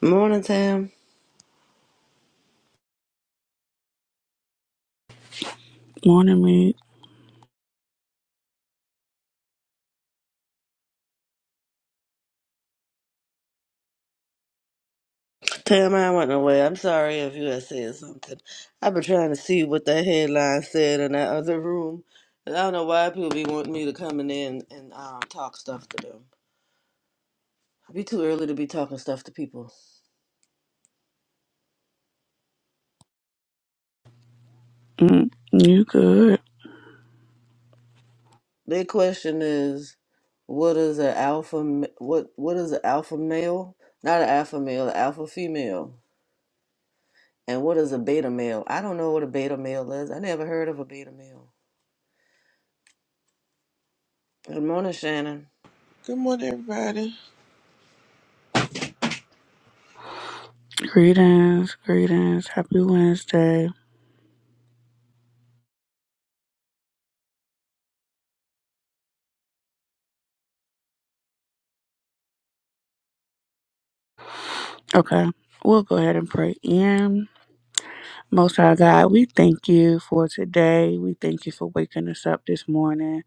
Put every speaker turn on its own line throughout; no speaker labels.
Morning, Tam.
Morning, me.
Tam, I went away. I'm sorry if you had said something. I've been trying to see what that headline said in that other room. And I don't know why people be wanting me to come in there and, and um, talk stuff to them. It'd be too early to be talking stuff to people.
Mm, you good?
Their question is, what is an alpha? m- What what is an alpha male? Not an alpha male, an alpha female. And what is a beta male? I don't know what a beta male is. I never heard of a beta male. Good morning, Shannon.
Good morning, everybody.
Greetings, greetings. Happy Wednesday. Okay, we'll go ahead and pray in. Most High God, we thank you for today. We thank you for waking us up this morning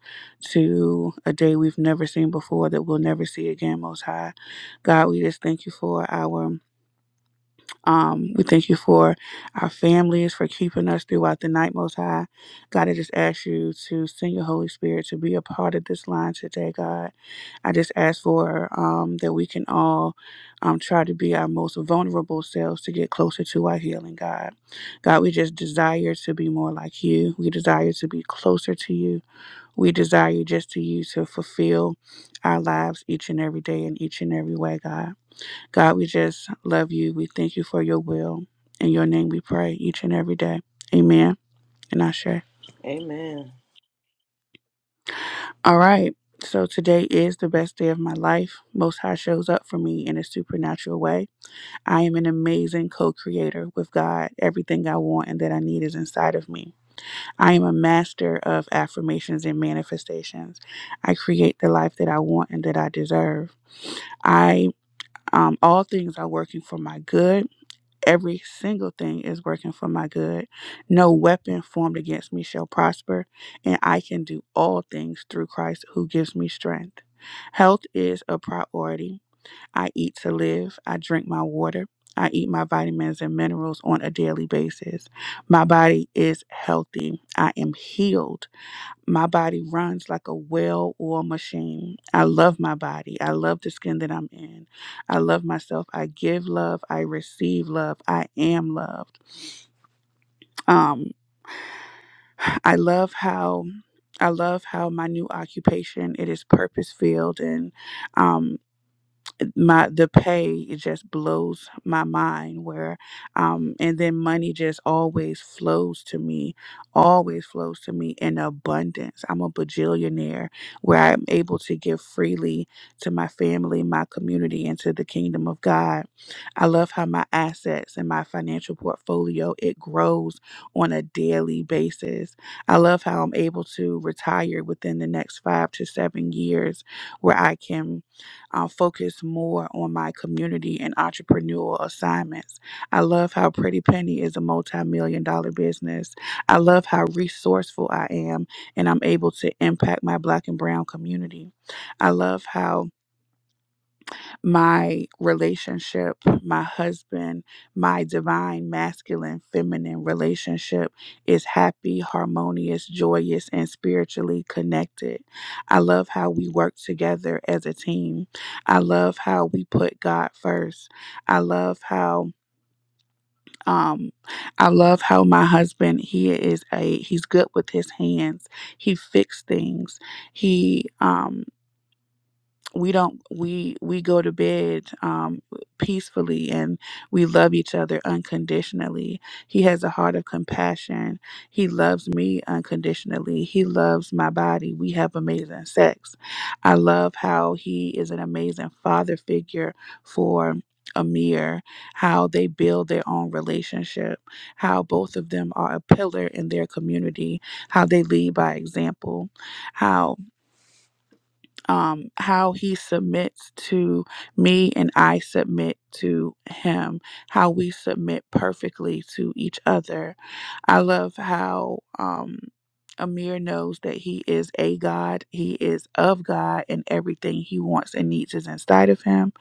to a day we've never seen before that we'll never see again, Most High. God, we just thank you for our Um, we thank you for our families, for keeping us throughout the night, Most High. God, I just ask you to send your Holy Spirit to be a part of this line today, God. I just ask for um, that we can all um, try to be our most vulnerable selves to get closer to our healing, God. God, we just desire to be more like you. We desire to be closer to you. We desire just to you to fulfill our lives each and every day in each and every way, God. God, we just love you. We thank you for your will. In your name we pray each and every day. Amen. And I share.
Amen.
All right. So today is the best day of my life. Most High shows up for me in a supernatural way. I am an amazing co creator with God. Everything I want and that I need is inside of me. I am a master of affirmations and manifestations. I create the life that I want and that I deserve. I um, all things are working for my good. Every single thing is working for my good. No weapon formed against me shall prosper, and I can do all things through Christ who gives me strength. Health is a priority. I eat to live, I drink my water. I eat my vitamins and minerals on a daily basis. My body is healthy. I am healed my body runs like a well oiled machine. I love my body. I love the skin that I'm in. I love myself. I give love. I receive love. I am loved. Um, I love how I love how my new occupation it is purpose filled and um my the pay it just blows my mind where um and then money just always flows to me always flows to me in abundance i'm a bajillionaire where i'm able to give freely to my family my community and to the kingdom of god i love how my assets and my financial portfolio it grows on a daily basis i love how i'm able to retire within the next five to seven years where i can I'll focus more on my community and entrepreneurial assignments. I love how Pretty Penny is a multi million dollar business. I love how resourceful I am and I'm able to impact my black and brown community. I love how my relationship, my husband, my divine masculine feminine relationship is happy, harmonious, joyous, and spiritually connected. I love how we work together as a team. I love how we put God first. I love how um I love how my husband he is a he's good with his hands. He fixes things. He um we don't we we go to bed um peacefully and we love each other unconditionally he has a heart of compassion he loves me unconditionally he loves my body we have amazing sex i love how he is an amazing father figure for Amir, how they build their own relationship, how both of them are a pillar in their community, how they lead by example, How um, how he submits to me and I submit to him, how we submit perfectly to each other. I love how um, Amir knows that he is a God, he is of God, and everything he wants and needs is inside of him.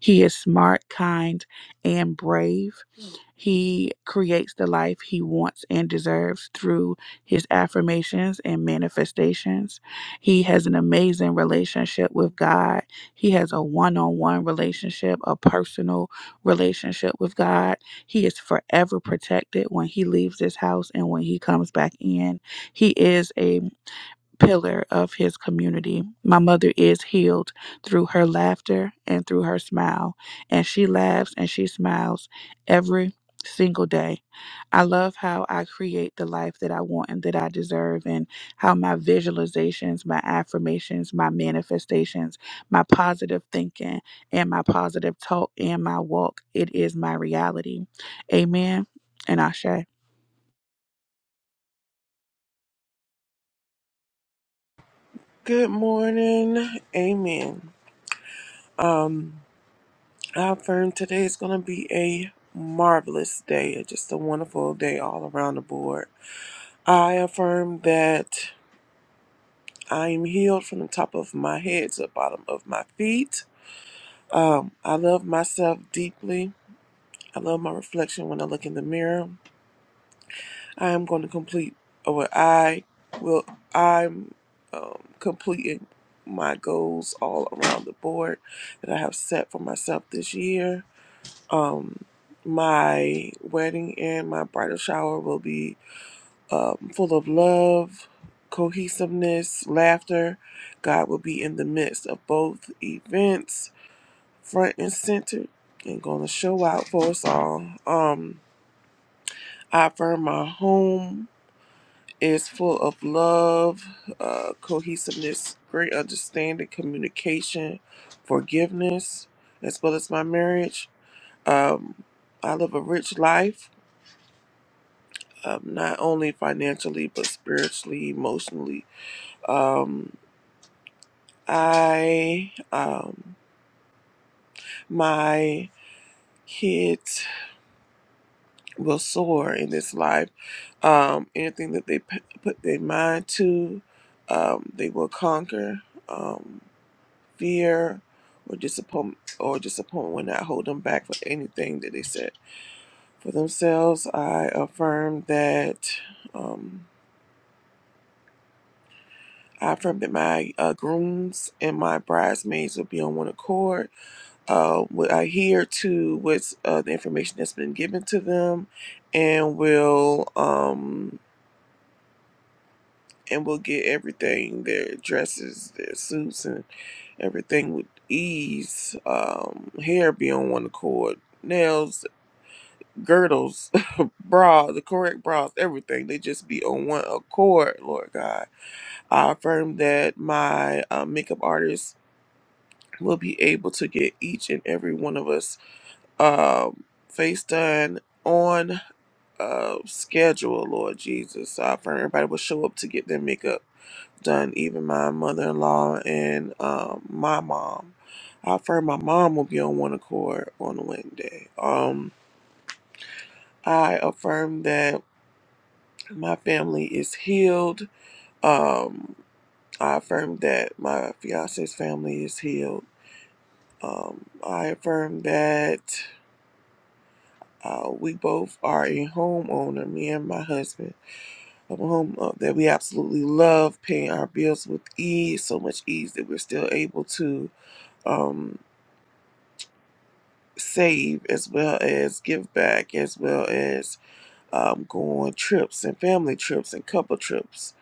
He is smart, kind, and brave. He creates the life he wants and deserves through his affirmations and manifestations. He has an amazing relationship with God. He has a one on one relationship, a personal relationship with God. He is forever protected when he leaves this house and when he comes back in. He is a pillar of his community. My mother is healed through her laughter and through her smile, and she laughs and she smiles every single day. I love how I create the life that I want and that I deserve, and how my visualizations, my affirmations, my manifestations, my positive thinking, and my positive talk and my walk, it is my reality. Amen and Ashe.
Good morning. Amen. I affirm today is going to be a marvelous day, just a wonderful day all around the board. I affirm that I am healed from the top of my head to the bottom of my feet. I love myself deeply. I love my reflection when I look in the mirror. I am going to complete, or I will, I'm um, completing my goals all around the board that I have set for myself this year. Um, my wedding and my bridal shower will be um, full of love, cohesiveness, laughter. God will be in the midst of both events, front and center, and going to show out for us all. Um, I affirm my home is full of love, uh, cohesiveness, great understanding, communication, forgiveness, as well as my marriage. Um, I live a rich life, um, not only financially, but spiritually, emotionally. Um, I, um, my kids will soar in this life. Um, anything that they p- put their mind to, um, they will conquer. Um, fear or disappointment or disappointment will not hold them back for anything that they set for themselves. I affirm that um, I affirm that my uh, grooms and my bridesmaids will be on one accord. Uh, will adhere to what's uh, the information that's been given to them, and will um, and will get everything their dresses, their suits, and everything with ease. Um, hair be on one accord, nails girdles, bra, the correct bras, everything. They just be on one accord, Lord God. I affirm that my um, makeup artist will be able to get each and every one of us um, face done on uh, schedule, Lord Jesus. So I affirm everybody will show up to get their makeup done, even my mother in law and um, my mom. I affirm my mom will be on one accord on Wednesday. Um, I affirm that my family is healed. Um, I affirm that my fiance's family is healed. Um, I affirm that uh, we both are a homeowner, me and my husband, of a home uh, that we absolutely love, paying our bills with ease, so much ease that we're still able to um, save as well as give back, as well as um, go on trips and family trips and couple trips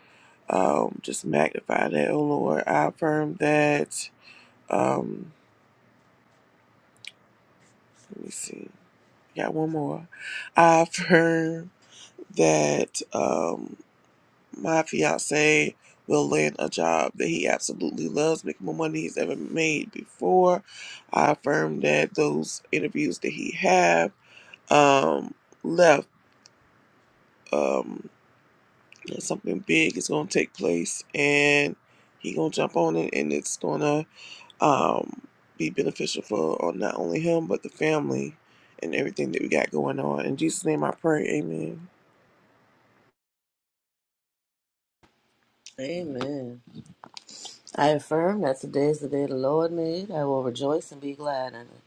Um, just magnify that, oh Lord. I affirm that. Um, let me see. Got one more. I affirm that um, my fiance will land a job that he absolutely loves, make more money he's ever made before. I affirm that those interviews that he have um, left um, that something big is gonna take place, and he gonna jump on it, and it's gonna um, be beneficial for or not only him but the family and everything that we got going on. In Jesus' name, I pray. Amen.
Amen. I affirm that today is the day the Lord made. I will rejoice and be glad in it.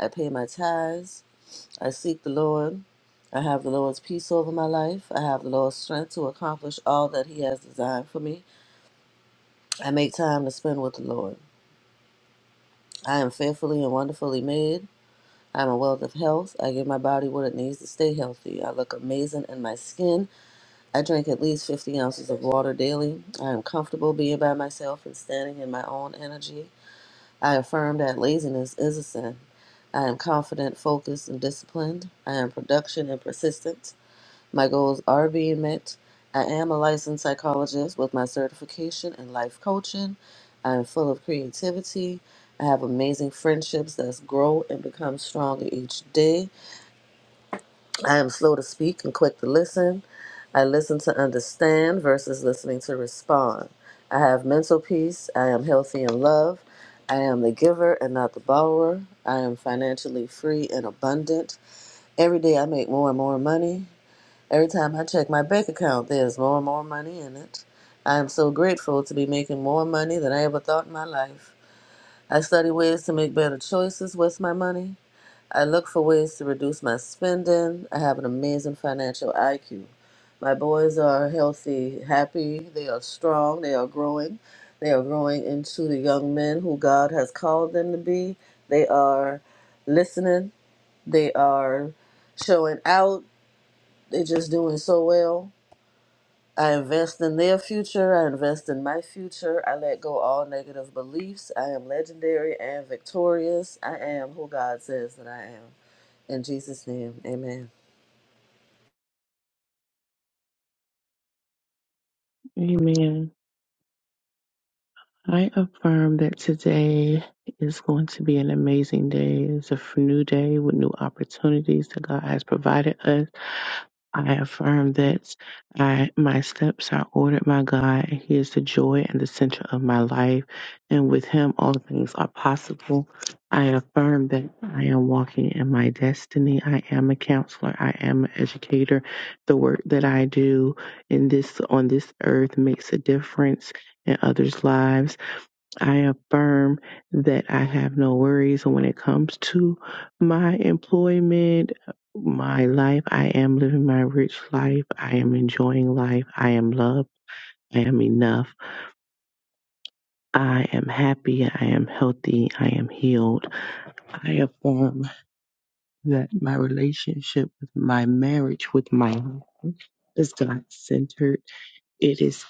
I pay my tithes. I seek the Lord. I have the Lord's peace over my life. I have the Lord's strength to accomplish all that He has designed for me. I make time to spend with the Lord. I am fearfully and wonderfully made. I am a wealth of health. I give my body what it needs to stay healthy. I look amazing in my skin. I drink at least 50 ounces of water daily. I am comfortable being by myself and standing in my own energy. I affirm that laziness is a sin. I am confident, focused, and disciplined. I am production and persistent. My goals are being met. I am a licensed psychologist with my certification in life coaching. I am full of creativity. I have amazing friendships that grow and become stronger each day. I am slow to speak and quick to listen. I listen to understand versus listening to respond. I have mental peace. I am healthy in love. I am the giver and not the borrower. I am financially free and abundant. Every day I make more and more money. Every time I check my bank account, there's more and more money in it. I am so grateful to be making more money than I ever thought in my life. I study ways to make better choices with my money. I look for ways to reduce my spending. I have an amazing financial IQ. My boys are healthy, happy, they are strong, they are growing. They are growing into the young men who God has called them to be. They are listening, they are showing out, they're just doing so well. I invest in their future. I invest in my future. I let go all negative beliefs. I am legendary and victorious. I am who God says that I am. In Jesus' name, amen.
Amen. I affirm that today is going to be an amazing day. It's a f- new day with new opportunities that God has provided us. I affirm that I, my steps are ordered by God, and He is the joy and the center of my life, and with Him all things are possible. I affirm that I am walking in my destiny. I am a counselor. I am an educator. The work that I do in this on this earth makes a difference in others' lives. I affirm that I have no worries when it comes to my employment, my life. I am living my rich life. I am enjoying life. I am loved. I am enough. I am happy. I am healthy. I am healed. I affirm that my relationship with my marriage with my husband is God centered. It is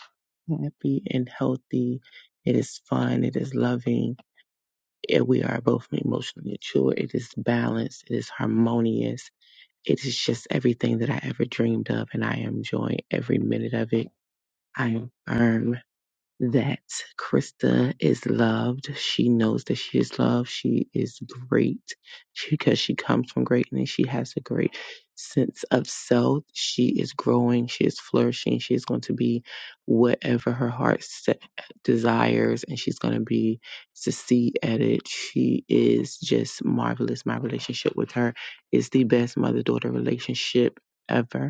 happy and healthy. It is fun. It is loving and we are both emotionally mature. It is balanced. It is harmonious. It is just everything that I ever dreamed of, and I am enjoying every minute of it. I am firm that Krista is loved. She knows that she is loved. She is great because she comes from greatness. She has a great sense of self. She is growing. She is flourishing. She is going to be whatever her heart set, desires, and she's going to be succeed at it. She is just marvelous. My relationship with her is the best mother daughter relationship ever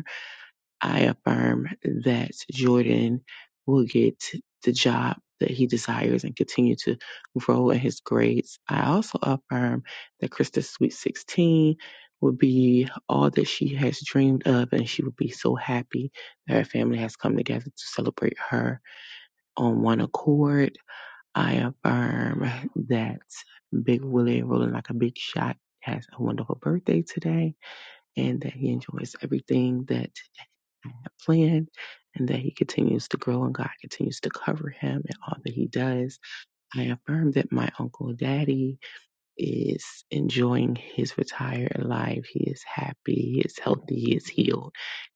I affirm that Jordan will get the job that he desires and continue to grow in his grades. I also affirm that Krista's Sweet 16 will be all that she has dreamed of, and she will be so happy that her family has come together to celebrate her on one accord. I affirm that Big Willie, rolling like a big shot, has a wonderful birthday today and that he enjoys everything that I have planned, and that he continues to grow and God continues to cover him in all that he does. I affirm that my uncle daddy is enjoying his retired life. He is happy, he is healthy, he is healed.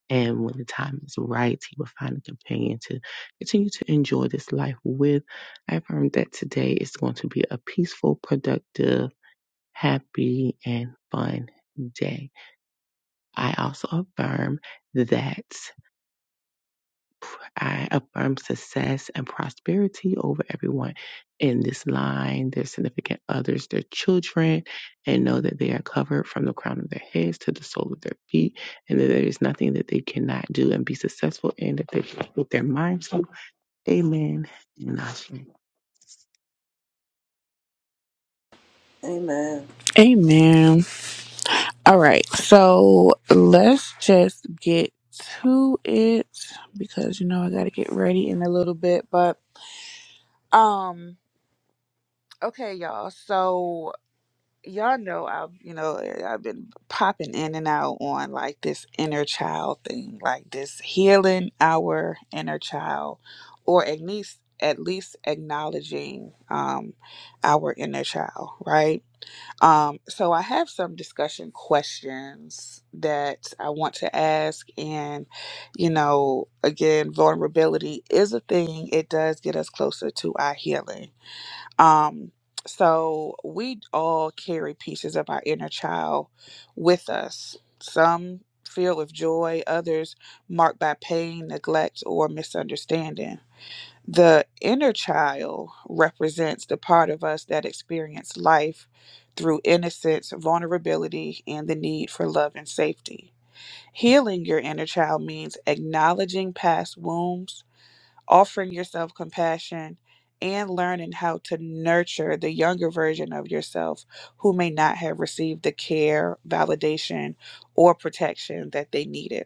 And when the time is right, he will find a companion to continue to enjoy this life with. I affirm that today is going to be a peaceful, productive, happy, and fun day. I also affirm that I affirm success and prosperity over everyone in this line, their significant others, their children, and know that they are covered from the crown of their heads to the sole of their feet, and that there is nothing that they cannot do and be successful in that they can put their minds to. Amen. And I say-
Amen.
Amen. All right, so let's just get to it because you know I gotta get ready in a little bit. But um, okay, y'all. So y'all know I've you know I've been popping in and out on like this inner child thing, like this healing our inner child, or at least at least acknowledging um our inner child, right? Um, so I have some discussion questions that I want to ask. And, you know, again, vulnerability is a thing. It does get us closer to our healing. Um, so we all carry pieces of our inner child with us. Some filled with joy, others marked by pain, neglect, or misunderstanding. The inner child represents the part of us that experienced life through innocence, vulnerability, and the need for love and safety. Healing your inner child means acknowledging past wounds, offering yourself compassion, and learning how to nurture the younger version of yourself who may not have received the care, validation, or protection that they needed.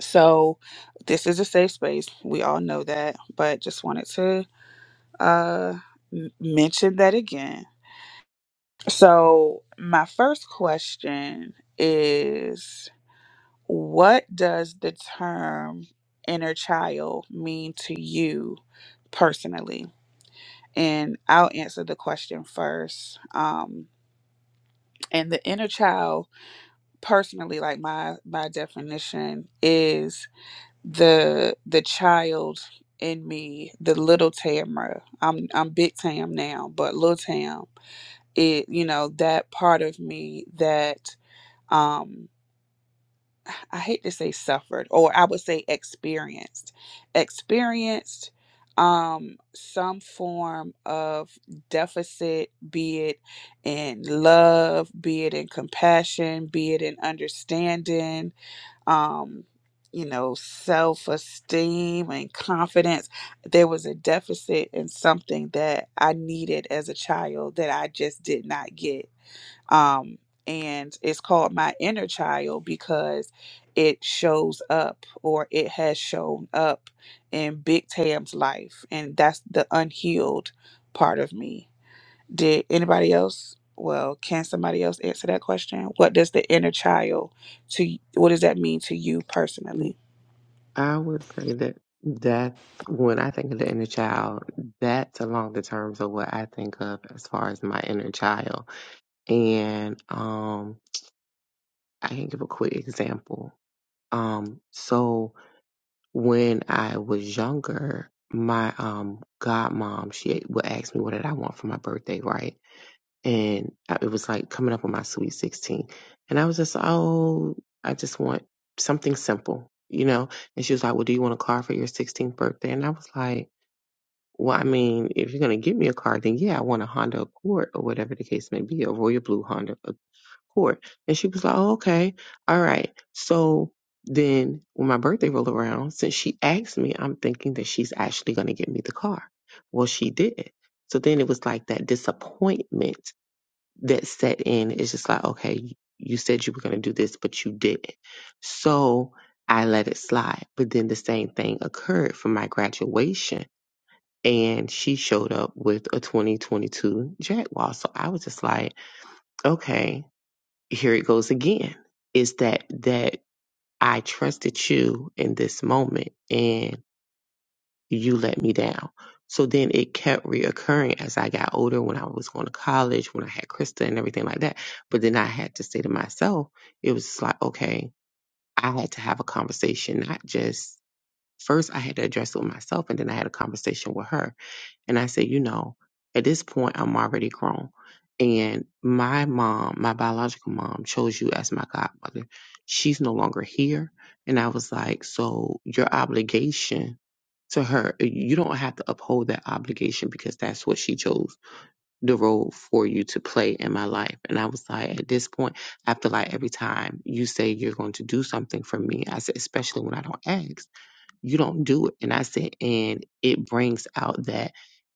So, this is a safe space. We all know that, but just wanted to uh m- mention that again. So, my first question is what does the term inner child mean to you personally? And I'll answer the question first. Um, and the inner child personally, like my my definition is the the child in me, the little Tamra. I'm I'm big Tam now, but little Tam it you know that part of me that um i hate to say suffered or i would say experienced experienced um some form of deficit be it in love be it in compassion be it in understanding um you know self-esteem and confidence there was a deficit in something that i needed as a child that i just did not get um and it's called my inner child because it shows up or it has shown up in big tam's life and that's the unhealed part of me did anybody else well can somebody else answer that question what does the inner child to what does that mean to you personally
I would say that that's when I think of the inner child, that's along the terms of what I think of as far as my inner child. And um. I can give a quick example. Um, so when I was younger, my um godmom she would ask me what did I want for my birthday, right? And I- it was like coming up on my sweet sixteen, and I was just oh, I just want something simple, you know. And she was like, well, do you want a car for your sixteenth birthday? And I was like. Well, I mean, if you're gonna give me a car, then yeah, I want a Honda Accord or whatever the case may be, a royal blue Honda court. And she was like, oh, okay, all right. So then when my birthday rolled around, since she asked me, I'm thinking that she's actually going to get me the car. Well, she didn't. So then it was like that disappointment that set in. It's just like, okay, you said you were going to do this, but you didn't. So I let it slide. But then the same thing occurred for my graduation. And she showed up with a 2022 Jaguar. So I was just like, okay, here it goes again is that that i trusted you in this moment and you let me down so then it kept reoccurring as i got older when i was going to college when i had krista and everything like that but then i had to say to myself it was just like okay i had to have a conversation not just first i had to address it with myself and then i had a conversation with her and I said, you know, at this point, I'm already grown. And my mom, my biological mom, chose you as my godmother. She's no longer here. And I was like, so your obligation to her, eh, you don't have to uphold that obligation because that's what she chose the role for you to play in my life. And I was like, at this point, I feel like every time you say you're going to do something for me, I said, especially when I don't ask you don't do it and i said and it brings out that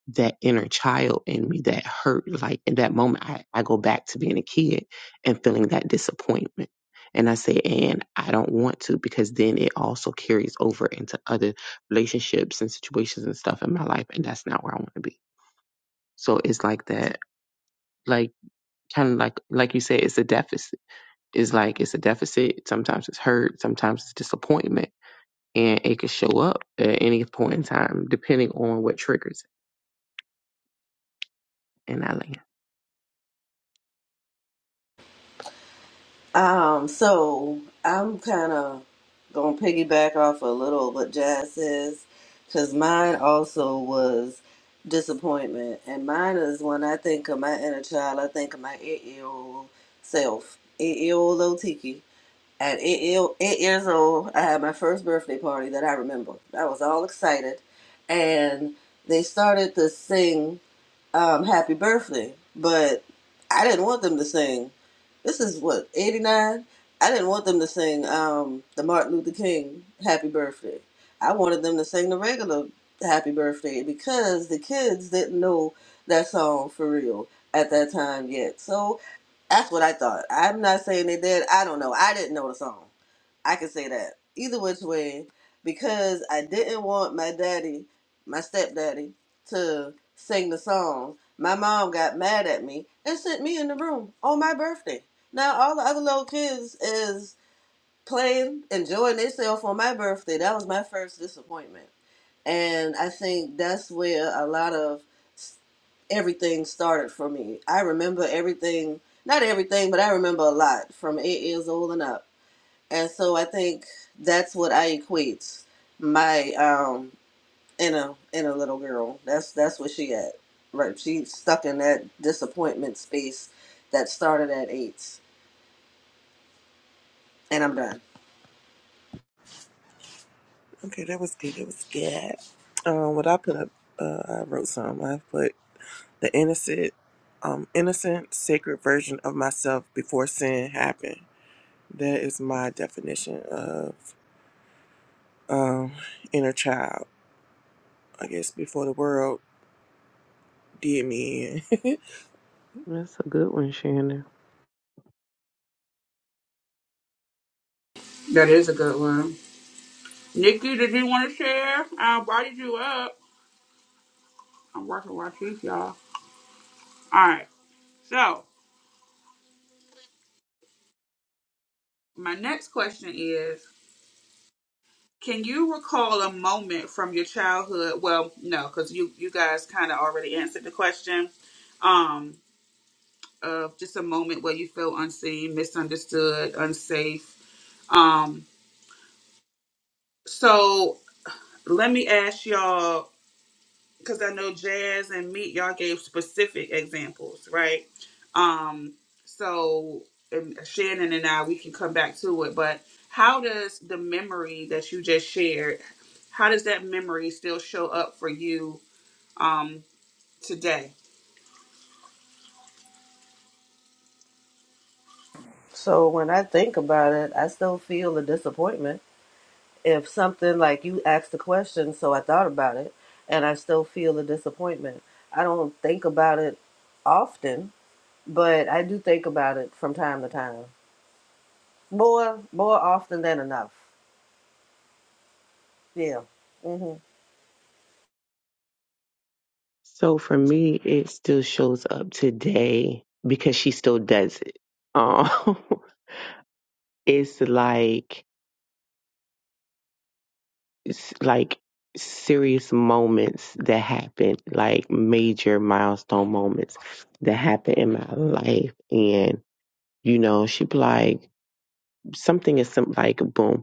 that inner child in me that hurt like in that moment i, I go back to being a kid and feeling that disappointment and i said and i don't want to because then it also carries over into other relationships and situations and stuff in my life and that's not where i want to be so it's like that like kind of like like you said it's a deficit it's like it's a deficit sometimes it's hurt sometimes it's disappointment and it could show up at any point in time, depending on what triggers it. And I land.
Um, so I'm kind of gonna piggyback off a little of what Jazz says, because mine also was disappointment, and mine is when I think of my inner child, I think of my eight-year-old self, eight-year-old old At eight, eight years old, I had my first birthday party that I remember. I was all excited, and they started to sing um, "Happy Birthday," but I didn't want them to sing. This is what '89. I didn't want them to sing um, the Martin Luther King "Happy Birthday." I wanted them to sing the regular "Happy Birthday" because the kids didn't know that song for real at that time yet. So that's what I thought. I'm not saying they did. I don't know. I didn't know the song. I can say that either which way because I didn't want my daddy, my stepdaddy, to sing the song. My mom got mad at me and sent me in the room on my birthday. Now all the other little kids is playing, enjoying themselves on my birthday. That was my first disappointment, and I think that's where a lot of s- everything started for me. I remember everything, not everything, but I remember a lot from eight years old and up and so I think that's what I equate my um inner inner little girl. That's that's where she at. Right, she's stuck in that disappointment space that started at eight, and I'm done.
Okay, that was good. That was good. Um, what I put up, uh, I wrote some. I put the innocent, um, innocent, sacred version of myself before sin happened. That is my definition of um, inner child. I guess before the world did me in.
That's a good one, Shannon.
That is a good one. Nikki, did you want to share? I invited you up. I'm working my teeth, y'all. All right. So, my next question is Can you recall a moment from your childhood? Well, no, because you you guys kind of already answered the question. Um, of just a moment where you feel unseen, misunderstood, unsafe. Um, so let me ask y'all, because I know Jazz and Meat, y'all gave specific examples, right? Um, so and Shannon and I, we can come back to it, but how does the memory that you just shared, how does that memory still show up for you? um, today.
So when I think about it, I still feel the disappointment. If something like you asked the question, so I thought about it, and I still feel the disappointment. I don't think about it often, but I do think about it from time to time. More more often than enough. Yeah. hmm
So for me, it still shows up today because she still does it. Um, it's like it's like serious moments that happen, like major milestone moments that happen in my life, and you know, she be like something is some like boom.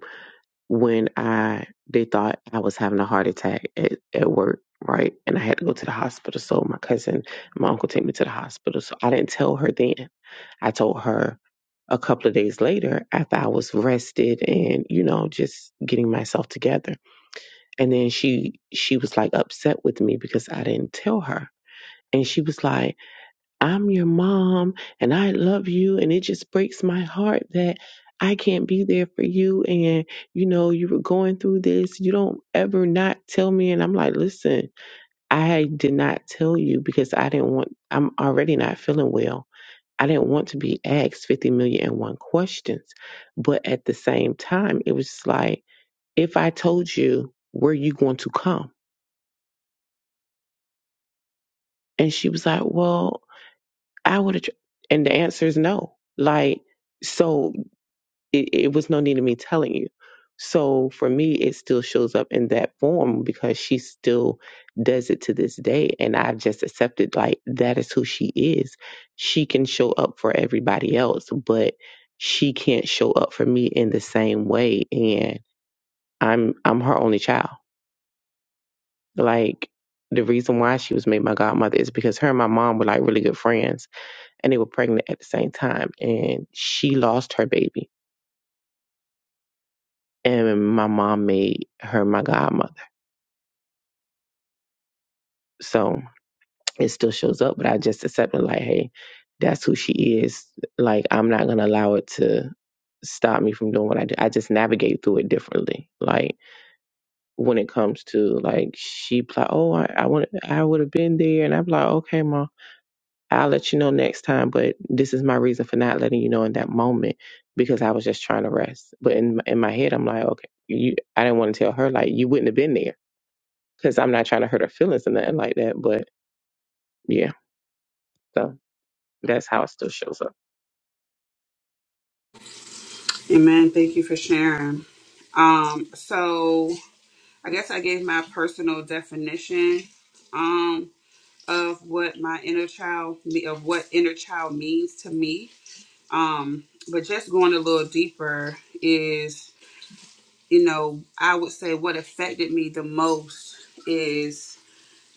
when I they thought I was having a heart attack at, at work, right? And I had to go to the hospital. So my cousin, my uncle take me to the hospital. So I didn't tell her then. I told her a couple of days later after I was rested and, you know, just getting myself together. And then she she was like upset with me because I didn't tell her. And she was like, I'm your mom and I love you. And it just breaks my heart that I can't be there for you. And, you know, you were going through this. You don't ever not tell me. And I'm like, listen, I did not tell you because I didn't want, I'm already not feeling well. I didn't want to be asked 50 million and one questions. But at the same time, it was just like, if I told you, were you going to come? And she was like, well, I would have. And the answer is no. Like, so It, it was no need of me telling you. So for me, it still shows up in that form because she still does it to this day. And I've just accepted, like, that is who she is. She can show up for everybody else, but she can't show up for me in the same way. And I'm, I'm her only child. Like, the reason why she was made my godmother is because her and my mom were like really good friends and they were pregnant at the same time. And she lost her baby and my mom made her my godmother. So it still shows up, but I just accept it like, hey, that's who she is. Like I'm not gonna allow it to stop me from doing what I do. I just navigate through it differently. Like when it comes to like she be like, oh, I, I want, I would have been there, and I'm like, okay, ma, I'll let you know next time. But this is my reason for not letting you know in that moment because I was just trying to rest. But in in my head, I'm like, okay, you, I didn't want to tell her like you wouldn't have been there because I'm not trying to hurt her feelings or nothing like that. But yeah, so that's how it still shows up.
Amen. Thank you for sharing. Um, so I guess I gave my personal definition um, of what my inner child me- of what inner child means to me. Um, but just going a little deeper is, you know, I would say what affected me the most is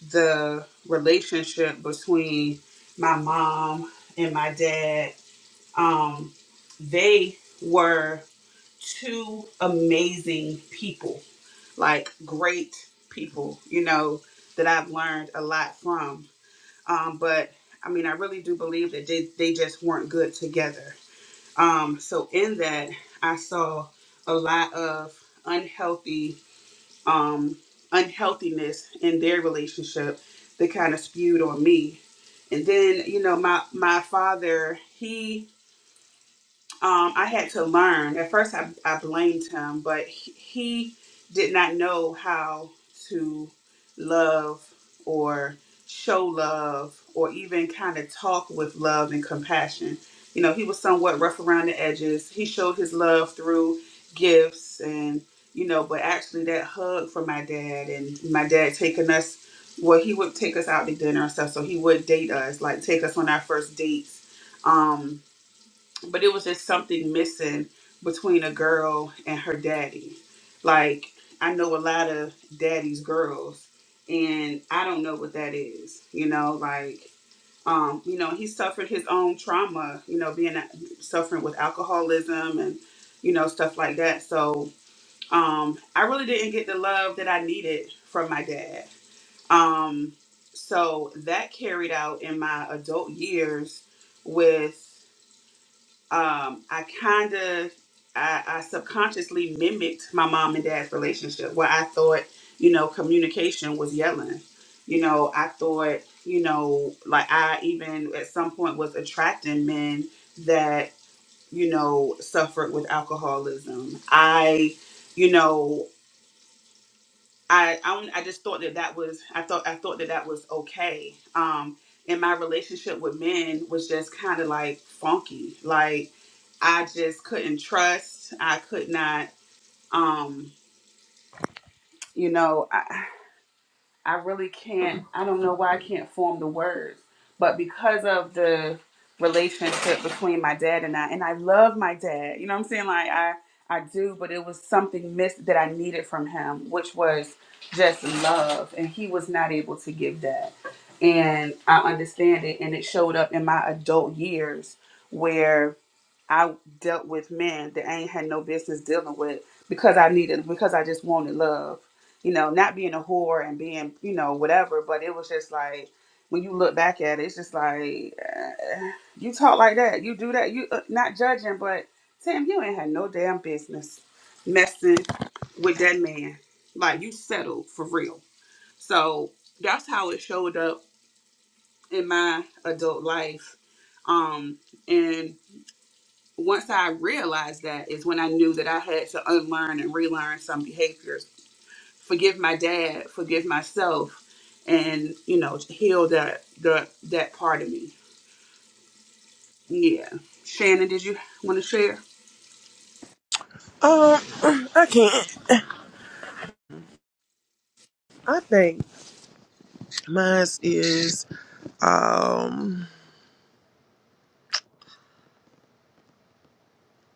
the relationship between my mom and my dad. Um, they were two amazing people, like great people, you know, that I've learned a lot from. Um, but I mean, I really do believe that they, they just weren't good together. Um, so in that, I saw a lot of unhealthy, um, unhealthiness in their relationship that kind of spewed on me. And then, you know, my, my father, he um, I had to learn. At first, I, I blamed him, but he, he did not know how to love or show love or even kind of talk with love and compassion. You know, he was somewhat rough around the edges. He showed his love through gifts and, you know, but actually that hug from my dad and my dad taking us, well, he would take us out to dinner and stuff. So he would date us, like take us on our first dates. Um, but it was just something missing between a girl and her daddy. Like I know a lot of daddy's girls, and I don't know what that is. You know, like um, you know, he suffered his own trauma. You know, being suffering with alcoholism and you know stuff like that. So um, I really didn't get the love that I needed from my dad. Um, so that carried out in my adult years with um, I kind of, I, I subconsciously mimicked my mom and dad's relationship where I thought, you know, communication was yelling. You know, I thought, you know, like I even at some point was attracting men that, you know, suffered with alcoholism. I, you know, I I, only- I just thought that that was I thought I thought that that was okay. Um, and my relationship with men was just kind of like funky. Like I just couldn't trust. I could not. Um, you know. I really can't, I don't know why I can't form the words, but because of the relationship between my dad and I, and I love my dad, you know what I'm saying? Like, I, I do, but it was something missed that I needed from him, which was just love. And he was not able to give that. And I understand it. And it showed up in my adult years where. I dealt with men that I ain't had no business dealing with because I needed because I just wanted love. You know, not being a whore and being, you know, whatever, but it was just like when you look back at it, it's just like uh, you talk like that, you do that, you uh, not judging, but Sam, you ain't had no damn business messing with that man. Like you settled for real. So that's how it showed up in my adult life. Um, and once I realized that is when I knew that I had to unlearn and relearn some behaviors, forgive my dad, forgive myself, and you know, heal that the that part of me. Yeah. Shannon, did you want to share?
um, I can't. I think mine is. Um,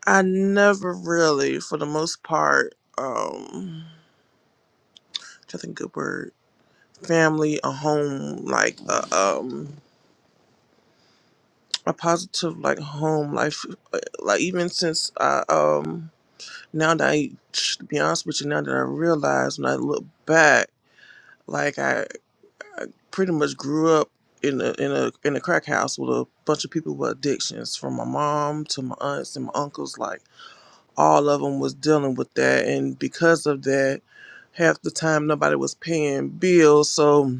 I never really, for the most part, um, I think good word, family, a home, like a um, a positive like home life, uh, like even since I um, now that I, to be honest with you, now that I realize when I look back, like I, I pretty much grew up in a in a in a crack house with a bunch of people with addictions, from my mom to my aunts and my uncles, like. all of them was dealing with that and because of that half the time nobody was paying bills so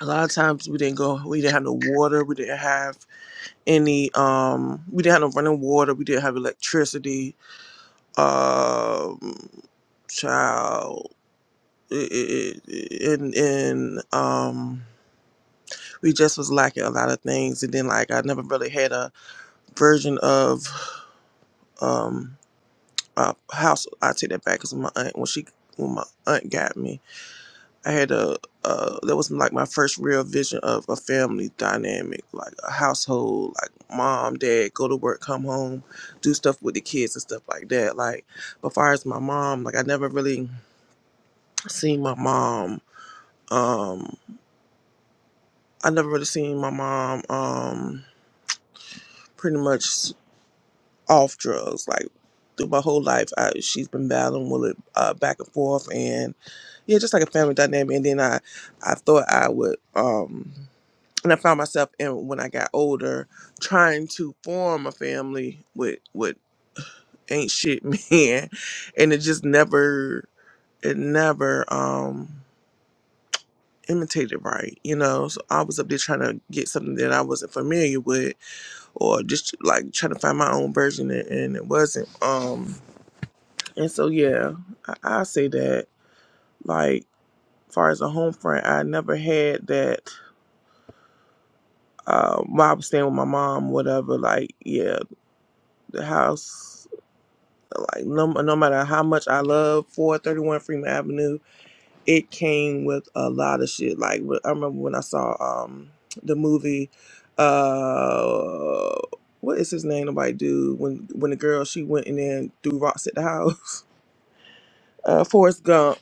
a lot of times we didn't go we didn't have no water we didn't have any um we didn't have no running water we didn't have electricity um child it, it, it, and and um we just was lacking a lot of things and then like i never really had a version of um a house i take that back because my aunt when she when my aunt got me I had a uh, that was like my first real vision of a family dynamic, like a household, like mom, dad, go to work, come home, do stuff with the kids and stuff like that. Like, but far as my mom, like I never really seen my mom. Um, I never really seen my mom. Um, pretty much off drugs. Like through my whole life, I, she's been battling with it uh, back and forth, and yeah, just like a family dynamic. And then I, I thought I would. Um, and I found myself and when I got older trying to form a family with with ain't shit men and it just never it never um imitated right you know so I was up there trying to get something that I wasn't familiar with or just like trying to find my own version and, and it wasn't um and so yeah I, I say that like far as a home front I never had that uh while I was staying with my mom whatever like yeah the house like no, no matter how much I love 431 Freeman Avenue, it came with a lot of shit. Like wh- I remember when I saw um the movie, uh, what is his name? Nobody do when when the girl she went in there and threw rocks at the house. Uh, Forrest Gump.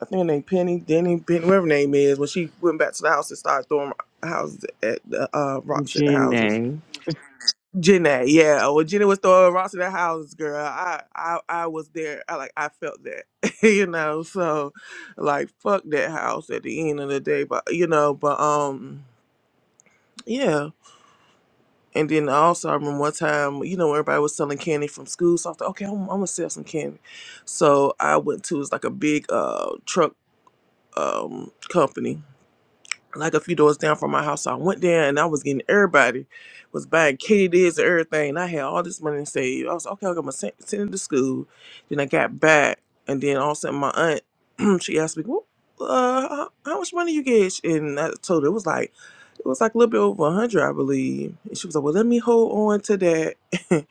I think her name Penny, Denny, Penny, whatever her name is. When she went back to the house and started throwing houses at the uh, rocks at the houses
Janae,
Janae, yeah. When Jenna was throwing rocks in the house, girl, I, I, I was there. I like, I felt that, you know. So, like, fuck that house at the end of the day, but you know, but um, yeah. And then also, I remember one time, you know, when everybody was selling candy from school, so I thought, okay, I'm, I'm gonna sell some candy. So I went to it's like a big uh truck um company, like a few doors down from my house. So I went there and I was getting everybody was buying Katie's and everything. And I had all this money saved. I was like, okay. I'm gonna send, send it to school. Then I got back, and then all of a sudden my aunt she asked me, well, uh, how, how much money you get? And I told her it was like it was like a little bit over a hundred, I believe. And she was like, well, let me hold on to that, and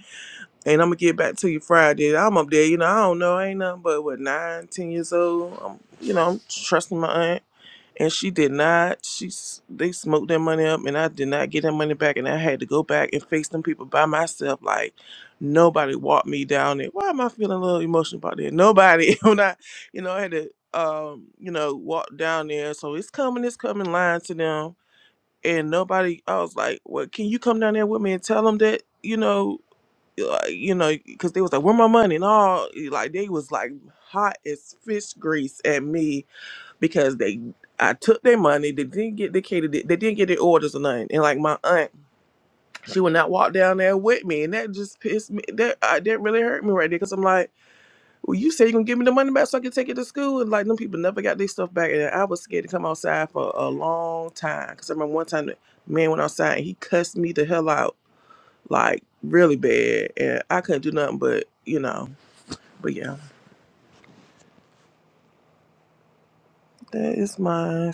I'm gonna get back to you Friday. I'm up there, you know. I don't know. I ain't nothing but what nine, ten years old. I'm, you know, I'm trusting my aunt and she did not. She s- they smoked that money up, and I did not get that money back, and I had to go back and face them people by myself. Like nobody walked me down it. Why am I feeling a little emotional about that? Nobody. when I, you know, I had to, um, you know, walk down there. So it's coming, it's coming, lying to them, and nobody. I was like, well, can you come down there with me and tell them that, you know. Like, you know, because they was like, "Where my money?" and all. Like they was like hot as fish grease at me, because they I took their money. They didn't get they catered. They didn't get their orders or nothing. And like my aunt, she would not walk down there with me, and that just pissed me. That I that really hurt me right there because I'm like, well, you say you're gonna give me the money back so I can take it to school, and like them people never got their stuff back, and I was scared to come outside for a long time because I remember one time the man went outside and he cussed me the hell out, like really bad, and I couldn't do nothing but you know. But yeah, that is mine.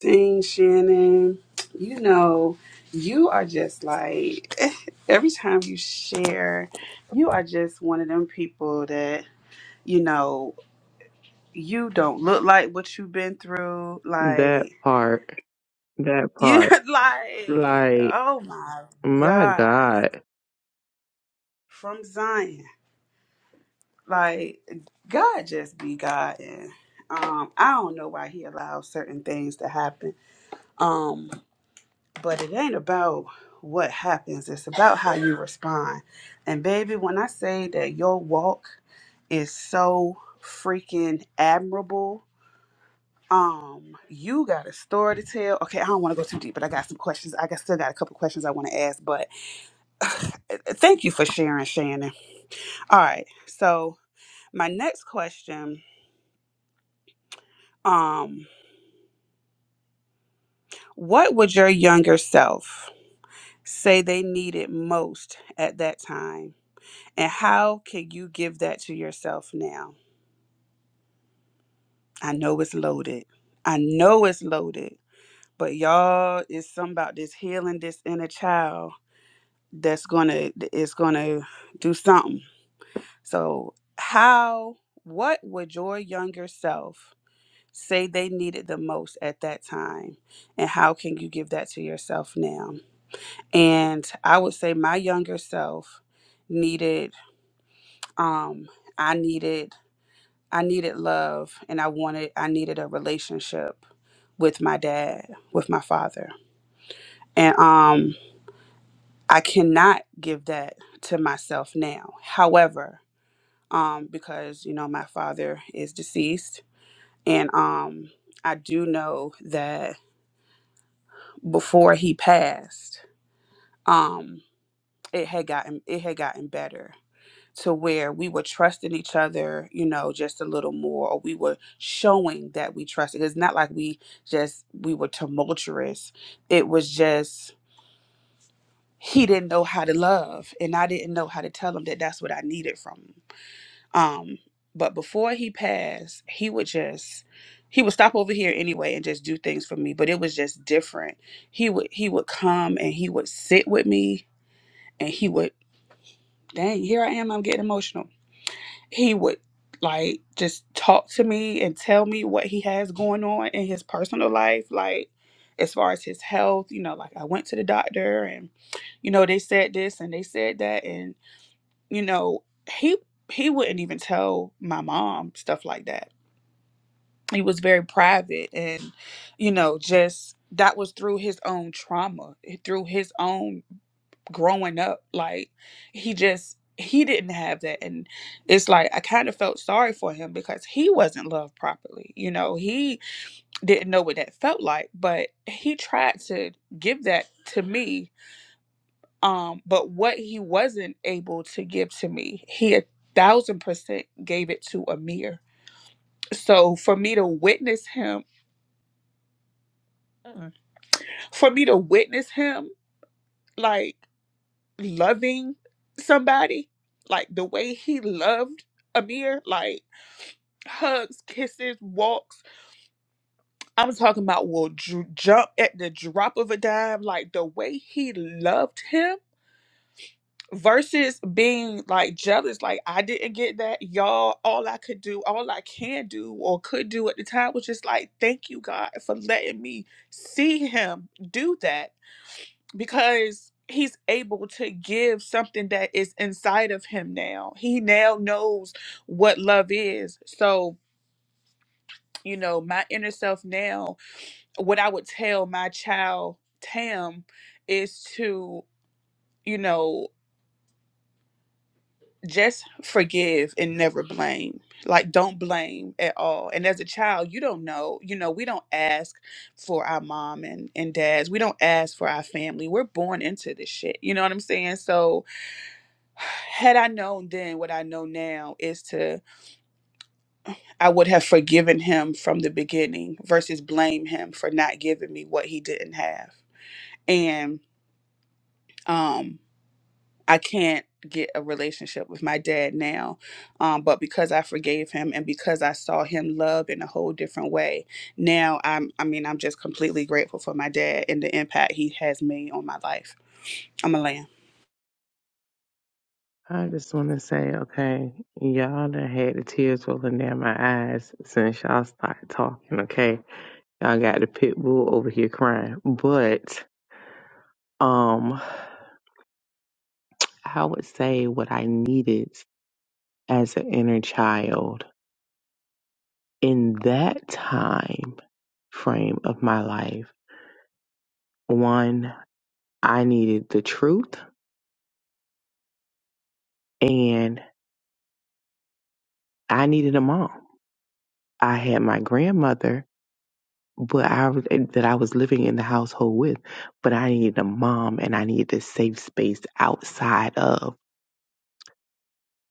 Dang, Shannon, you know, you are just like every time you share, you are just one of them people that, you know, you don't look like what you've been through.
that
Like
part, that
You
part,
like,
like
oh my
my
God,
God,
from Zion. Like, God just be God. And, um, I don't know why He allows certain things to happen. Um, but it ain't about what happens, it's about how you respond. And, baby, when I say that your walk is so freaking admirable. Um, you got a story to tell. Okay, I don't want to go too deep, but I got some questions. I got still got a couple questions I want to ask, but Thank you for sharing, Shannon. All right. So my next question, um, what would your younger self say they needed most at that time? And how can you give that to yourself now? I know it's loaded. I know it's loaded, but y'all it's something about this healing this inner child that's gonna is gonna do something. So how what would your younger self say they needed the most at that time and how can you give that to yourself now and i would say my younger self needed um i needed i needed love and i wanted i needed a relationship with my dad with my father and um i cannot give that to myself now however um because you know my father is deceased and um i do know that before he passed, um, it had gotten it had gotten better to where we were trusting each other, you know, just a little more, or we were showing that we trusted. It's not like we just we were tumultuous. It was just he didn't know how to love, and I didn't know how to tell him that that's what I needed from him. Um, but before he passed, he would just he would stop over here anyway and just do things for me. But it was just different. He would he would come and he would sit with me and he would dang here i am i'm getting emotional he would like just talk to me and tell me what he has going on in his personal life like as far as his health you know like i went to the doctor and you know they said this and they said that and you know he he wouldn't even tell my mom stuff like that he was very private and you know just that was through his own trauma eh, through his own growing up like he just he didn't have that and it's like i kind of felt sorry for him because he wasn't loved properly you know he didn't know what that felt like but he tried to give that to me um but what he wasn't able to give to me he a thousand percent gave it to amir so for me to witness him for me to witness him like. loving somebody like the way he loved Amir, like hugs, kisses, walks. I'm talking about will ju- jump at the drop of a dime, like the way he loved him versus being like jealous, like I didn't get that. Y'all, all I could do, all I can do or could do at the time was just like, thank you, God, for letting me see him do that because he's able to give something that is inside of him now. He now knows what love is. So, you know, my inner self now, what I would tell my child Tam is to, you know, just forgive and never blame. Like, don't blame at all. And as a child, you don't know. You know, we don't ask for our mom and, and dads. We don't ask for our family. We're born into this shit. You know what I'm saying? So, had I known then what I know now is to I would have forgiven him from the beginning versus blame him for not giving me what he didn't have. And um I can't get a relationship with my dad now. Um, but because I forgave him and because I saw him love in a whole different way, now I'm I mean, I'm just completely grateful for my dad and the impact he has made on my life. I'm a lamb.
I just want to say, okay, y'all done had the tears rolling down my eyes since y'all started talking. Okay, y'all got the pit bull over here crying, but um, I would say what I needed as an inner child in that time frame of my life One, I needed the truth and I needed a mom. I had my grandmother, but I that I was living in the household with, but I needed a mom and I needed a safe space outside of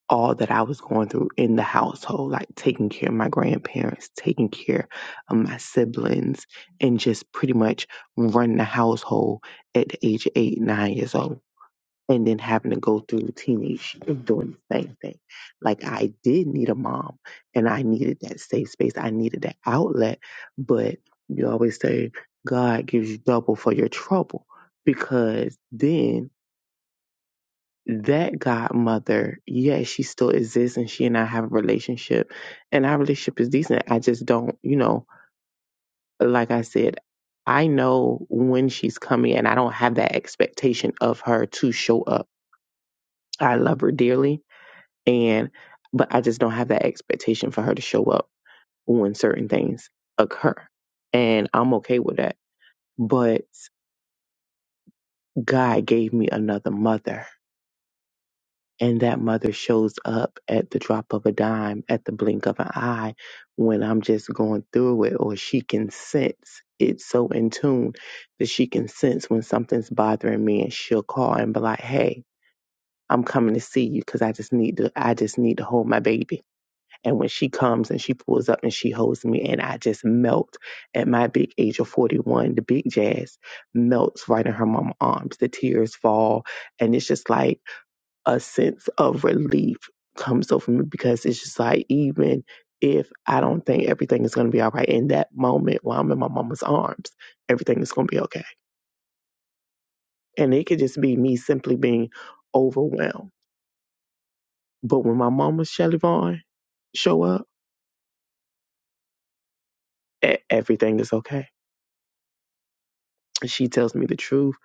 all that I was going through in the household, like taking care of my grandparents, taking care of my siblings, and just pretty much running the household at the age of eight, nine years old. and then having to go through teenage years doing the same thing. Like I did need a mom and I needed that safe space. I needed that outlet. But you always say God gives you double for your trouble because then that godmother, yes, she still exists and she and I have a relationship and our relationship is decent. I just don't, you know, like I said, I know when she's coming and I don't have that expectation of her to show up. I love her dearly And but I just don't have that expectation for her to show up when certain things occur. And I'm okay with that. But God gave me another mother. And that mother shows up at the drop of a dime, at the blink of an eye, when I'm just going through it, or she can sense it's so in tune that she can sense when something's bothering me, and she'll call and be like, "Hey, I'm coming to see you because I just need to. I just need to hold my baby." And when she comes and she pulls up and she holds me, and I just melt at my big age of 41, the big jazz melts right in her mama arms. The tears fall. And it's just like a sense of relief comes over me because it's just like, even if I don't think everything is going to be all right in that moment while I'm in my mama's arms, everything is going to be okay. And it could just be me simply being overwhelmed. But when my mama, Shelly Vaughn, show up, e- everything is okay she tells me the truth.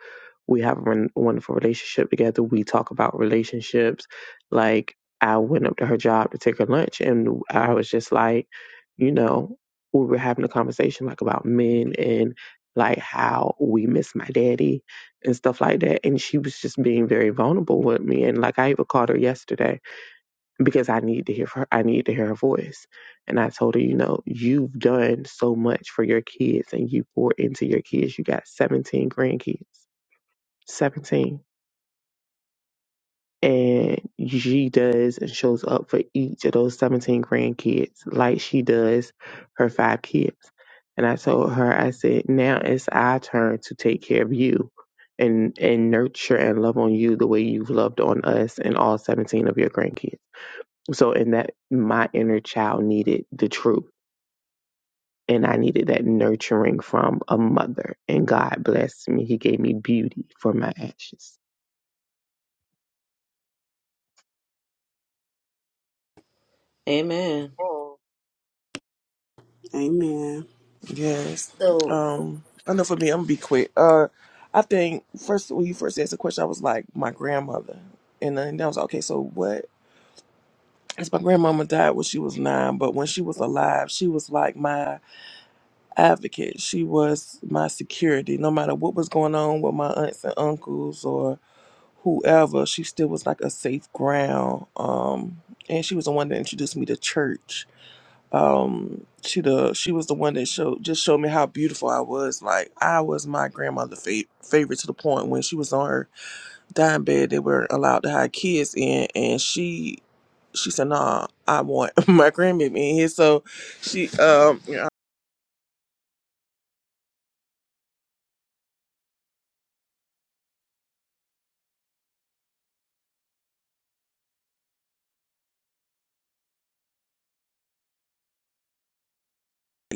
We have a won- wonderful relationship together. We talk about relationships. Like I went up to her job to take her lunch, and I was just like, you know, we were having a conversation like about men and like how we miss my daddy and stuff like that. And she was just being very vulnerable with me. And like I even called her yesterday because I need to hear her. I need to hear her voice. And I told her, you know, you've done so much for your kids and you poured into your kids. You got 17 grandkids, 17. And she does and shows up for each of those 17 grandkids like she does her five kids. And I told her, I said, now it's our turn to take care of you and, and nurture and love on you the way you've loved on us and all 17 of your grandkids. So, in that my inner child needed the truth. And I needed that nurturing from a mother. And God blessed me. He gave me beauty for my ashes.
Amen.
Oh,
Amen.
Yes.
So,
Um, I know for me, I'm gonna be quick. Uh, I think first when you first asked the question, I was like my grandmother, and then I was like, okay, so what? Because my grandmama died when she was nine, but when she was alive, she was like my advocate. She was my security. No matter what was going on with my aunts and uncles or whoever, she still was like a safe ground. Um, and she was the one that introduced me to church um she the she was the one that showed just showed me how beautiful I was. Like I was my grandmother's fa- favorite to the point when she was on her dying bed, they were not allowed to have kids in, and she she said, "Nah, I want my grandbaby in here." So she um you know,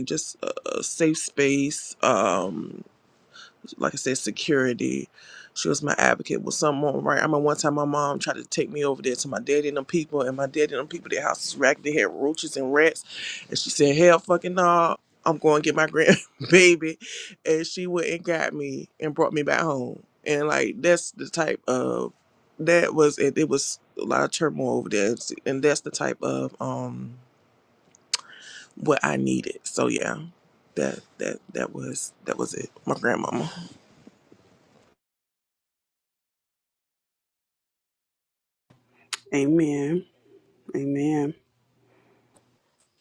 just a, a safe space. Um like I said, security. She was my advocate. Was someone right? I remember one time my mom tried to take me over there to my daddy and them people, and my daddy and them people, their house was racked. They had roaches and rats, and she said, "Hell, fucking no, I'm going to get my grandbaby," and she went and got me and brought me back home. And like that's the type of that was it. It was a lot of turmoil over there, and that's the type of um what I needed. So yeah, that that that was that was it. My grandmama.
Amen. Amen.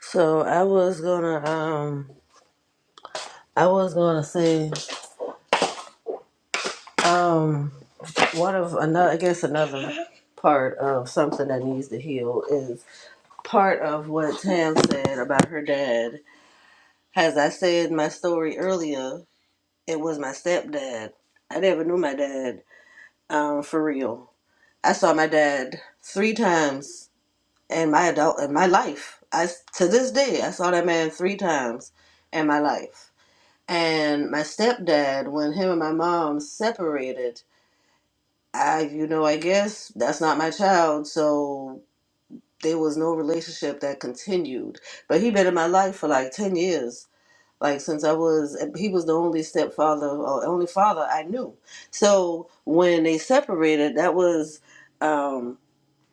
so I was gonna, um, I was gonna say, um, one of another, I guess another part of something that needs to heal is part of what Tam said about her dad. As I said in my story earlier, it was my stepdad. I never knew my dad, um, for real. I saw my dad three times in my adult in my life. I to this day I saw that man three times in my life. And my stepdad, when him and my mom separated, I you know I guess that's not my child, so there was no relationship that continued. But he been in my life for like ten years. Like since I was, he was the only stepfather or only father I knew. So when they separated, that was um,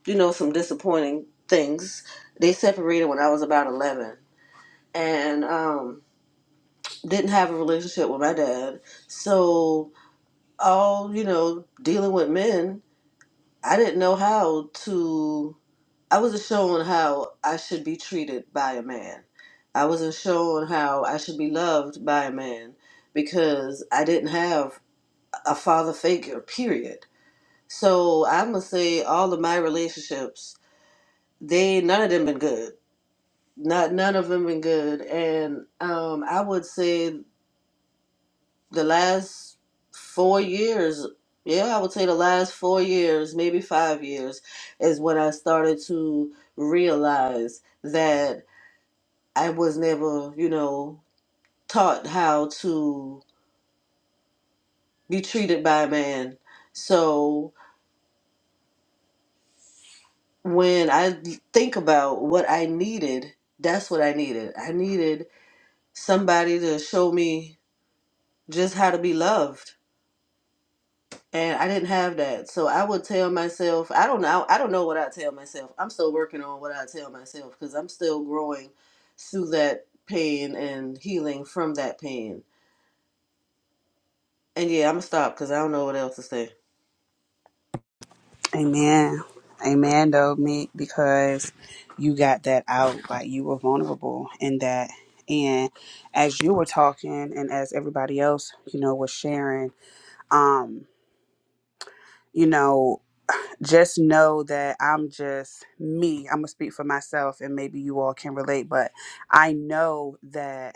you know, some disappointing things. They separated when I was about 11 and um, didn't have a relationship with my dad. So, all, you know, dealing with men, I didn't know how to, I wasn't shown how I should be treated by a man. I wasn't shown how I should be loved by a man because I didn't have a father figure, period. So, I'm going to say all of my relationships, they, none of them been good Not none of them been good, and um, I would say the last four years. Yeah, I would say the last four years, maybe five years, is when I started to realize that I was never, you know, taught how to be treated by a man. So when I think about what I needed, that's what I needed. I needed somebody to show me just how to be loved and I didn't have that. So I would tell myself, I don't know, I don't know what I tell myself. I'm still working on what I tell myself because I'm still growing through that pain and healing from that pain. And yeah, I'm gonna stop because I don't know what else to say.
Amen. Amen though, me because you got that out. Like you were vulnerable in that. And as you were talking and as everybody else, you know, was sharing, um, you know, just know that I'm just me. I'm gonna speak for myself and maybe you all can relate, but I know that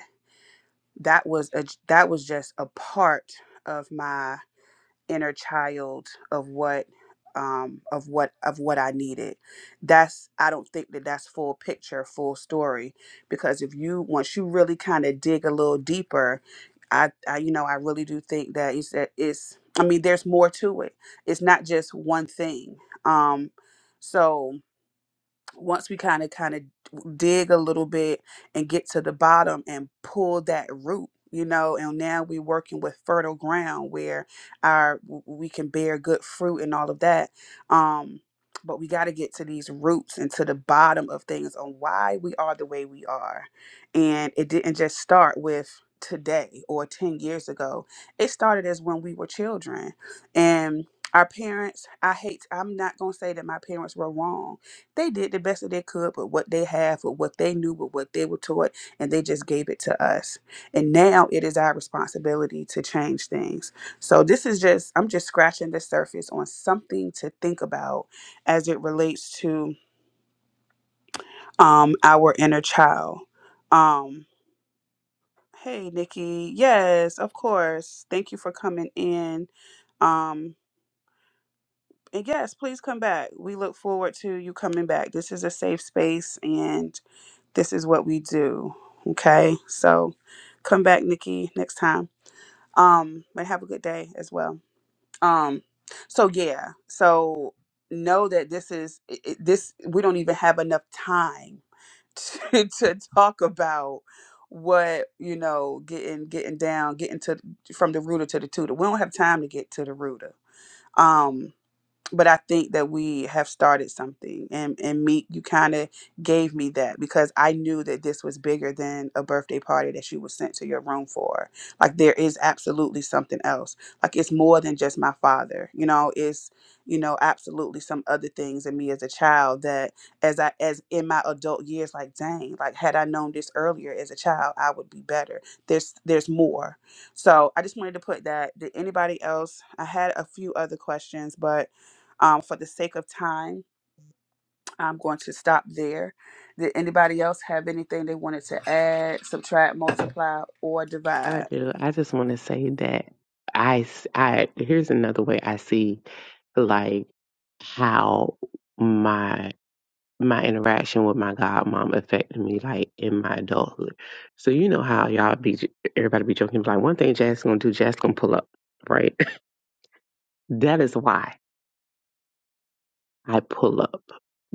that was a that was just a part of my inner child of what um of what of what I needed. That's I don't think that that's full picture, full story because if you once you really kind of dig a little deeper, I I you know, I really do think that is that it's I mean there's more to it. It's not just one thing. Um so once we kind of kind of dig a little bit and get to the bottom and pull that root you know and now we're working with fertile ground where our w- we can bear good fruit and all of that um but we got to get to these roots and to the bottom of things on why we are the way we are and it didn't just start with today or 10 years ago it started as when we were children and our parents i hate i'm not going to say that my parents were wrong they did the best that they could with what they have, with what they knew, with what they were taught, and they just gave it to us. And now it is our responsibility to change things. So this is just, I'm just scratching the surface on something to think about as it relates to um, our inner child. Um, hey, Nikki. Yes, of course. Thank you for coming in. Um, and yes, please come back. We look forward to you coming back. This is a safe space, and This is what we do. Okay. So come back, Nikki, next time. Um, but have a good day as well. Um, so yeah, so know that this is it, it- this. We don't even have enough time to, to talk about what you know getting getting down getting to from the rooter to the tutor we don't have time to get to the rooter um but I think that we have started something and and meet you kind of gave me that because I knew that this was bigger than a birthday party that you were sent to your room for. Like there is absolutely something else. Like it's more than just my father. You know, it's you know absolutely some other things in me as a child that as I as in my adult years like dang, like had I known this earlier as a child, I would be better. There's there's more. So, I just wanted to put that did anybody else I had a few other questions, but um, for the sake of time, I'm going to stop there. Did anybody else have anything they wanted to add, subtract, multiply, or
I
divide?
do. I just want to say that I, s- I, here's another way I see like how my, my interaction with my godmom affected me like in my adulthood. So, you know how y'all be, everybody be joking, like one thing Jack's gonna do, Jack's gonna pull up, right? that is why. I pull up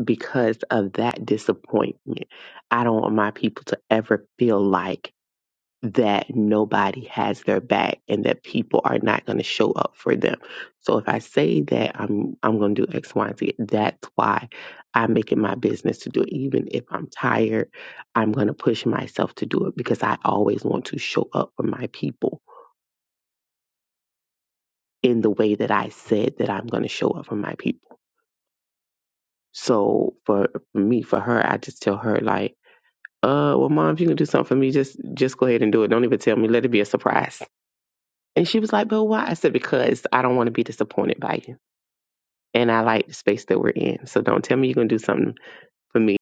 because of that disappointment. I don't want my people to ever feel like that nobody has their back and that people are not going to show up for them. So if I say that I'm I'm going to do X, Y, and Z, that's why I make it my business to do it. Even if I'm tired, I'm going to push myself to do it because I always want to show up for my people in the way that I said that I'm going to show up for my people. So for for me, for her, I just tell her like uh, well, mom, if you can do something for me, just just go ahead and do it. Don't even tell me. Let it be a surprise. And she was like, but why? I said, because I don't want to be disappointed by you. And I like the space that we're in. So don't tell me you're going to do something for me.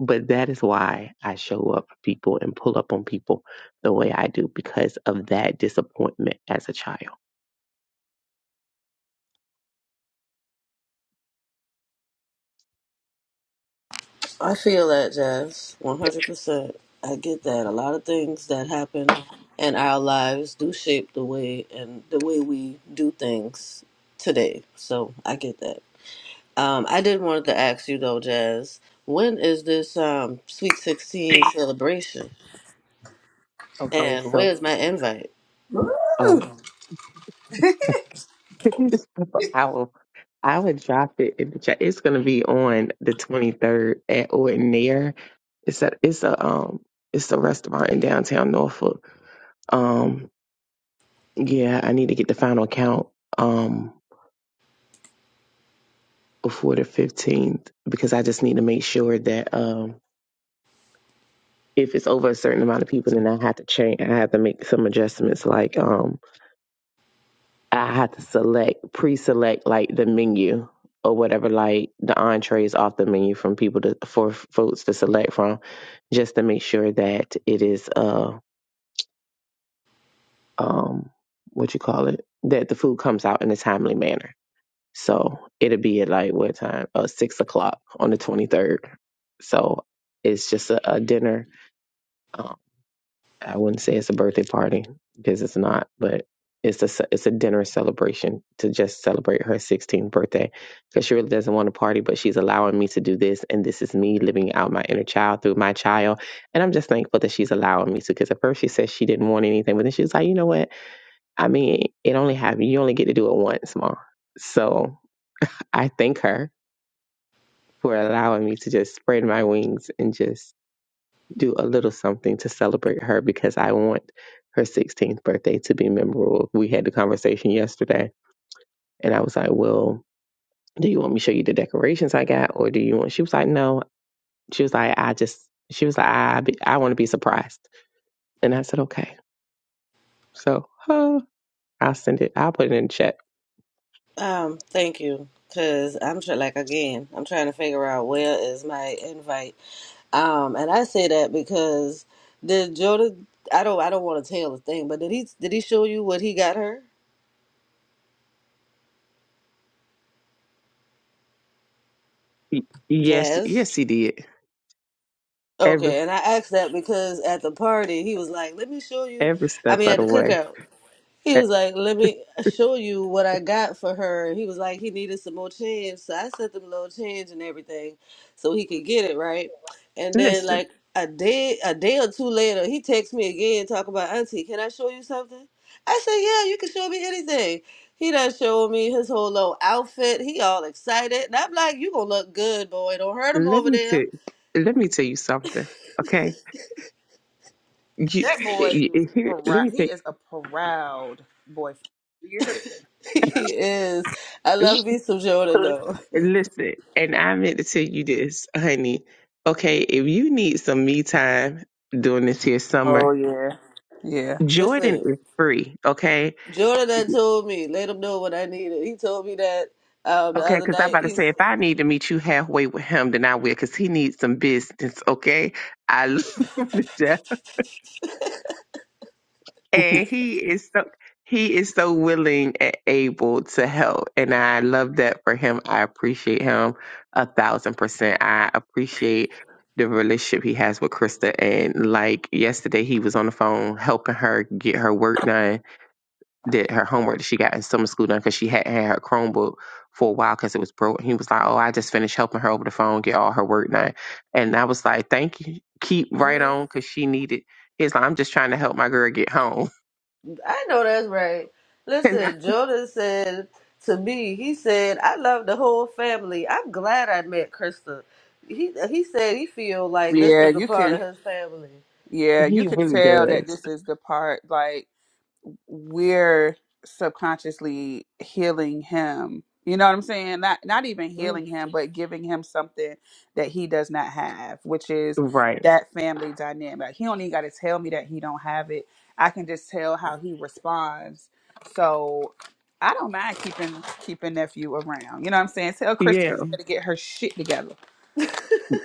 But that is why I show up for people and pull up on people the way I do because of that disappointment as a child.
I feel that, Jazz, 100%. I get that. A lot of things that happen in our lives do shape the way and the way we do things today. So I get that. Um, I did wanted to ask you though, Jazz, when is this um Sweet 16 celebration?
Okay,
And
so
where's my invite?
oh, This purple owl. I would drop it in the chat. It's gonna be on the twenty third at Ordinaire. It's a it's a um it's a restaurant in downtown Norfolk. Um yeah, I need to get the final count um before the fifteenth because I just need to make sure that um if it's over a certain amount of people then I have to change I have to make some adjustments like um. I had to select, pre-select like the menu or whatever, like the entrees off the menu from people to for folks to select from, just to make sure that it is uh um what you call it that the food comes out in a timely manner. So it'll be at like what time? Uh, six o'clock on the twenty third. So it's just a, a dinner. um, I wouldn't say it's a birthday party because it's not, but it's a ce- it's a dinner celebration to just celebrate her 16th birthday because she really doesn't want to party, but she's allowing me to do this, and this is me living out my inner child through my child, and I'm just thankful that she's allowing me to. Because at first she said she didn't want anything, but then she was like, you know what? I mean, it only happened. You only get to do it once, mom. So I thank her for allowing me to just spread my wings and just do a little something to celebrate her because I want her 16th birthday to be memorable. We had the conversation yesterday, and I was like, Well, do you want me to show you the decorations I got, or do you want? She was like, No. She was like, I just, she was like, I, be, I want to be surprised. And I said, Okay. So huh, I'll send it, I'll put it in the chat.
Um, thank you. Cause I'm trying, like again, I'm trying to figure out where is my invite. Um, and I say that because did Jordan? I don't, I don't want to tell the thing, but did he, did he show you what he got her?
Y- Yes,
Jazz.
yes, he did. Every
Okay, and I asked that because at the party he was like, "Let me show you."
every
I
step
mean,
of
at
the
the
way.
cookout. He
Eh,
was like, "Let me show you what I got for her." He was like, he needed some more change, so I sent him a little change and everything, so he could get it right. And then,
Listen,
like a day, a day or two later, he texts me again, talk about Auntie. Can I show you something? I said, "Yeah, you can show me anything." He done showed me his whole little outfit. He all excited, and I'm like, "You gonna look good, boy. Don't hurt him
let
over
me tell
there."
let me tell you something. Okay, you,
That boy
you
is
here. Let
proud.
me
He
tell.
is a proud boyfriend. Do you hear me?
he is. I love me some Jordan though.
Listen, and I meant to tell you this, honey. Okay, if you need some me time during this here
Oh
summer,
yeah, yeah,
Jordan
Listen.
is free. Okay,
Jordan had told me, let him know what I needed. He told me that um, the
okay,
other
because I
night.
about to say
He's,
if I need to meet you halfway with him, then I will, because he needs some business. Okay, I love him to death and he is so he is so willing and able to help and i love that for him i appreciate him a thousand percent i appreciate the relationship he has with krista and like yesterday he was on the phone helping her get her work done did her homework that she got in summer school done because she hadn't had her chromebook for a while because it was broke he was like oh i just finished helping her over the phone get all her work done and i was like thank you keep right on
I
because she needed He's like, I'm just trying to help my girl get home.
know that's right.
And I,
Listen, Jordan said to me, he said, I love the whole family. I'm glad I met Krista. He he said he feel like this
yeah.
is a
You
part of
can,
his family.
yeah, you
he
can
really
tell that
does.
this is the part. like. we're subconsciously healing him. You know what I'm saying? Not not even
Mm.
healing him, but giving him something that he does not have, which is
Right.
that family dynamic. Like, He don't even gotta tell me that he don't have it. I can just tell how he responds. So I don't mind keeping keeping nephew around. You know what I'm saying? Tell Kristen
Yeah,
she better get her shit together.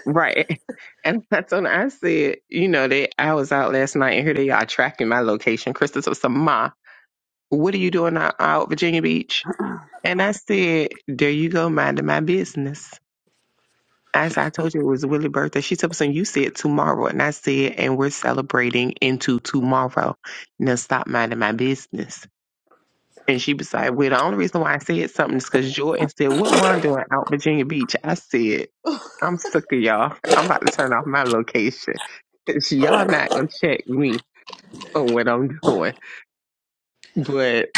right. And that's when I said, you know, they I was out last night and here they are tracking my location. Crystal said, Ma, what are you doing out, out Virginia Beach? And I said, There you go, minding my business. As I told you, it was Willie's birthday. She told me, "Son, you said tomorrow. And I said, and we're celebrating into tomorrow. Now stop minding my business. And she was like, Well, the only reason why I said something is because Jordan said, What mom doing out Virginia Beach? I said, I'm sick of y'all. I'm about to turn off my location. 'Cause y'all not gonna check me on what I'm doing. But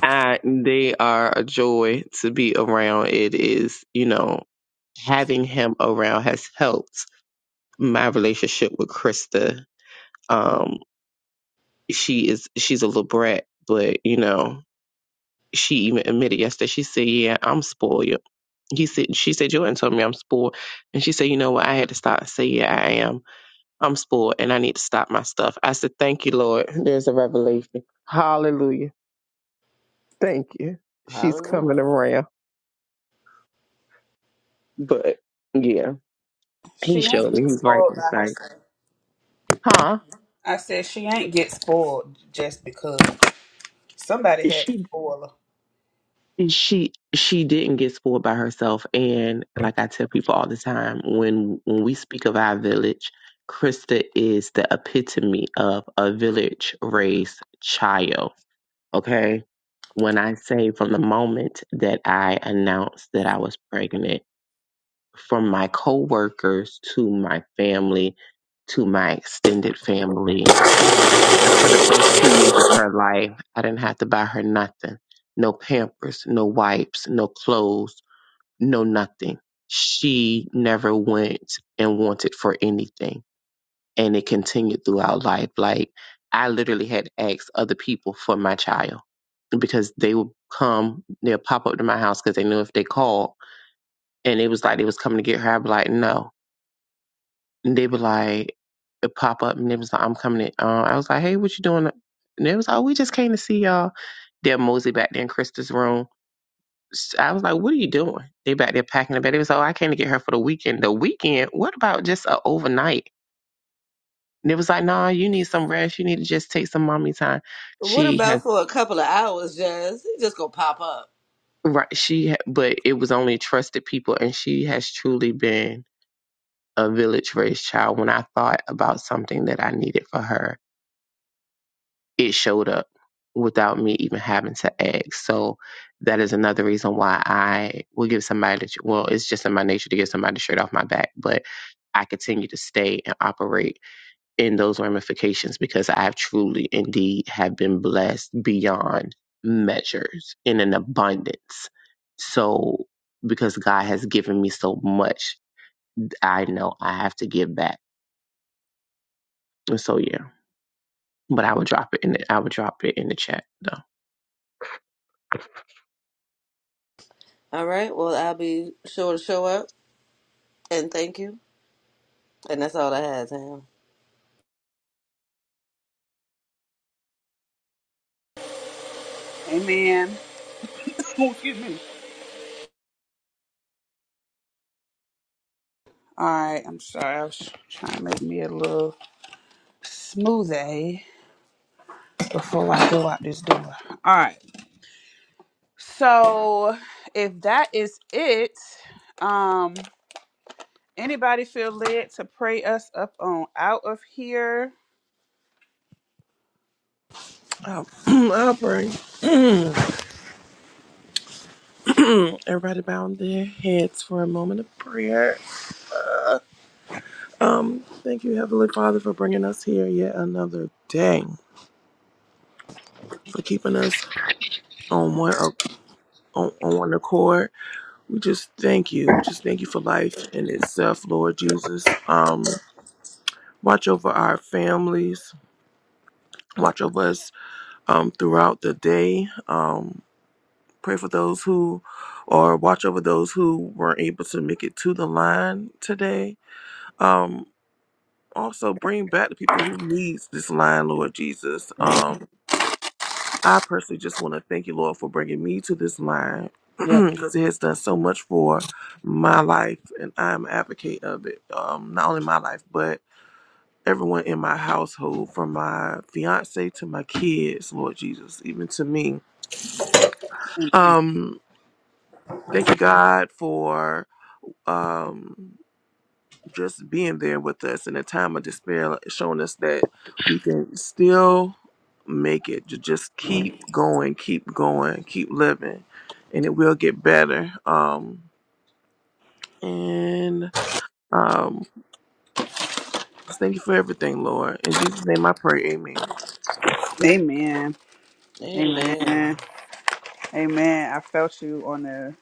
I they are a joy to be around. It is, you know, having him around has helped my relationship with Krista. Um, she is she's a little brat, but you know, she even admitted yesterday, she said, Yeah, I'm spoiled he said she said Jordan told me I'm spoiled. And she said, you know what, I had to stop and say, Yeah, I am. I'm spoiled and I need to stop my stuff. I said, Thank you, Lord. There's a revelation. Hallelujah. Thank you. She's
Hallelujah.
coming around. But yeah,
She
he
ain't
showed
get
me he's right
spoiled by
beside.
herself.
Huh?
I said she ain't get spoiled just because somebody had to
She
spoil her.
she she didn't get spoiled by herself. And like I tell people all the time, when when we speak of our village, Krista is the epitome of a village raised child Okay. When I say from the moment that I announced that I was pregnant, from my coworkers to my family to my extended family, and for the first two years of her life, I didn't have to buy her nothing no pampers, no wipes, no clothes, no nothing. She never went and wanted for anything and it continued throughout life. Like I literally had to ask other people for my child because they would come, they'll pop up to my house because they knew if they called and it was like they was coming to get her, I'd be like, no. And they be like, it pop up and they was like, I'm coming. To, uh, I was like, hey, what you doing? And they was like, oh, we just came to see y'all. They're mosey back there in Krista's room. S- I was like, what are you doing? They back there packing the bed. They was like, oh, I came to get her for the weekend. The weekend? What about just a overnight? And it was like, nah, you need some rest. You need to just take some mommy time.
What
She
about
has,
for a couple of hours, Jazz? He just gonna pop up.
right. She, ha- but it was only trusted people. And she has truly been a village raised child. When I thought about something that I needed for her, it showed up without me even having to ask. So that is another reason why I will give somebody, the, well, it's just in my nature to give somebody the shirt off my back, but I continue to stay and operate in those ramifications because I have truly indeed have been blessed beyond measures in an abundance. So because God has given me so much, I know I have to give back. And so yeah. But I would drop it in the I would drop it in the chat though.
All right. Well, I'll be sure to show up and thank you. And that's all I have, Tam.
Amen. Oh, excuse me. All right, I'm sorry. I was trying to make me a little smoothie before I go out this door. All right. So, if that is it, um, anybody feel led to pray us up on out of here?
I'll, I'll pray. Everybody bow their heads for a moment of prayer. Um, thank you, Heavenly Father, for bringing us here yet another day, for keeping us on one uh, on, on one accord. We just thank you. We just thank you for life in itself, Lord Jesus. Um, watch over our families. Watch over us um, throughout the day. Um, pray for those who, or watch over those who weren't able to make it to the line today. Um, also bring back the people who needs this line, Lord Jesus. Um, I personally just want to thank you, Lord, for bringing me to this line because it has done so much for my life, and I'm an advocate of it. Um, not only my life, but everyone in my household, from my fiance to my kids, Lord Jesus, even to me. Um, thank you, God, for um just being there with us in a time of despair, like, showing us that we can still make it. To just keep going, keep going, keep living, and it will get better. Um, and um, just thank you for everything, Lord. In Jesus' name, I pray. Amen.
Amen.
Amen.
Amen. Amen. I felt you on the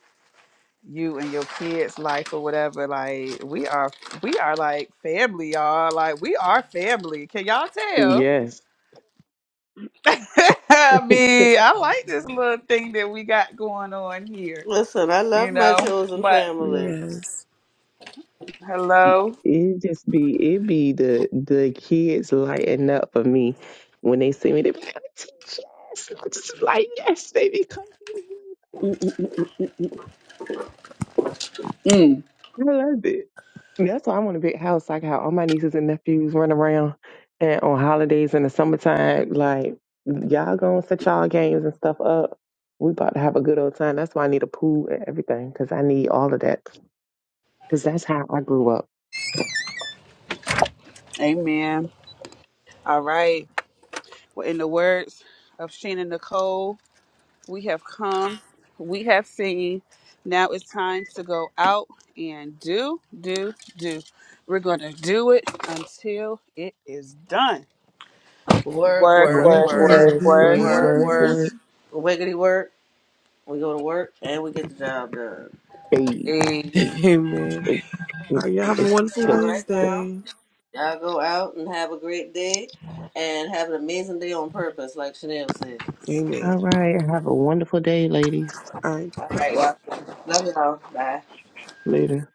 you and your kids' life or whatever. Like we are, we are like family, y'all. Like we are family. Can y'all tell?
Yes.
I mean, I like this little thing that we got going on here,
Listen, I love
you
my
know.
chosen
But
family.
Yes.
hello.
It just be it be the the kids lighting up for me when they see me. They be like, yes, I'm just like yes, they be coming.
Mm,
I love it. That's why I want a big house. Like how all my nieces and nephews run around, and on holidays in the summertime, like y'all gonna set y'all games and stuff up. We about to have a good old time. That's why I need a pool and everything because I need all of that. Because that's how I grew up.
amen. All right. Well, in the words of Shannon Nicole, we have come, we have seen. Now it's time to go out and do, do, do. We're going to do it until it is done.
Work,
Work,
work,
Work,
work,
work,
work,
work,
work,
work,
work,
work,
work.
work.
Wiggity work. We go to work and we get the job done.
Hey, hey,
work.
Amen.
hey, hey,
All right, y'all have
hey,
a wonderful
All
go,
right
go.
now,
Wednesday.
y'all go out and have a great day and have an amazing day on purpose, like Chanel said.
All
Amen.
right. Have a wonderful day, ladies.
All right.
All right, y'all. Love y'all. Bye.
Later.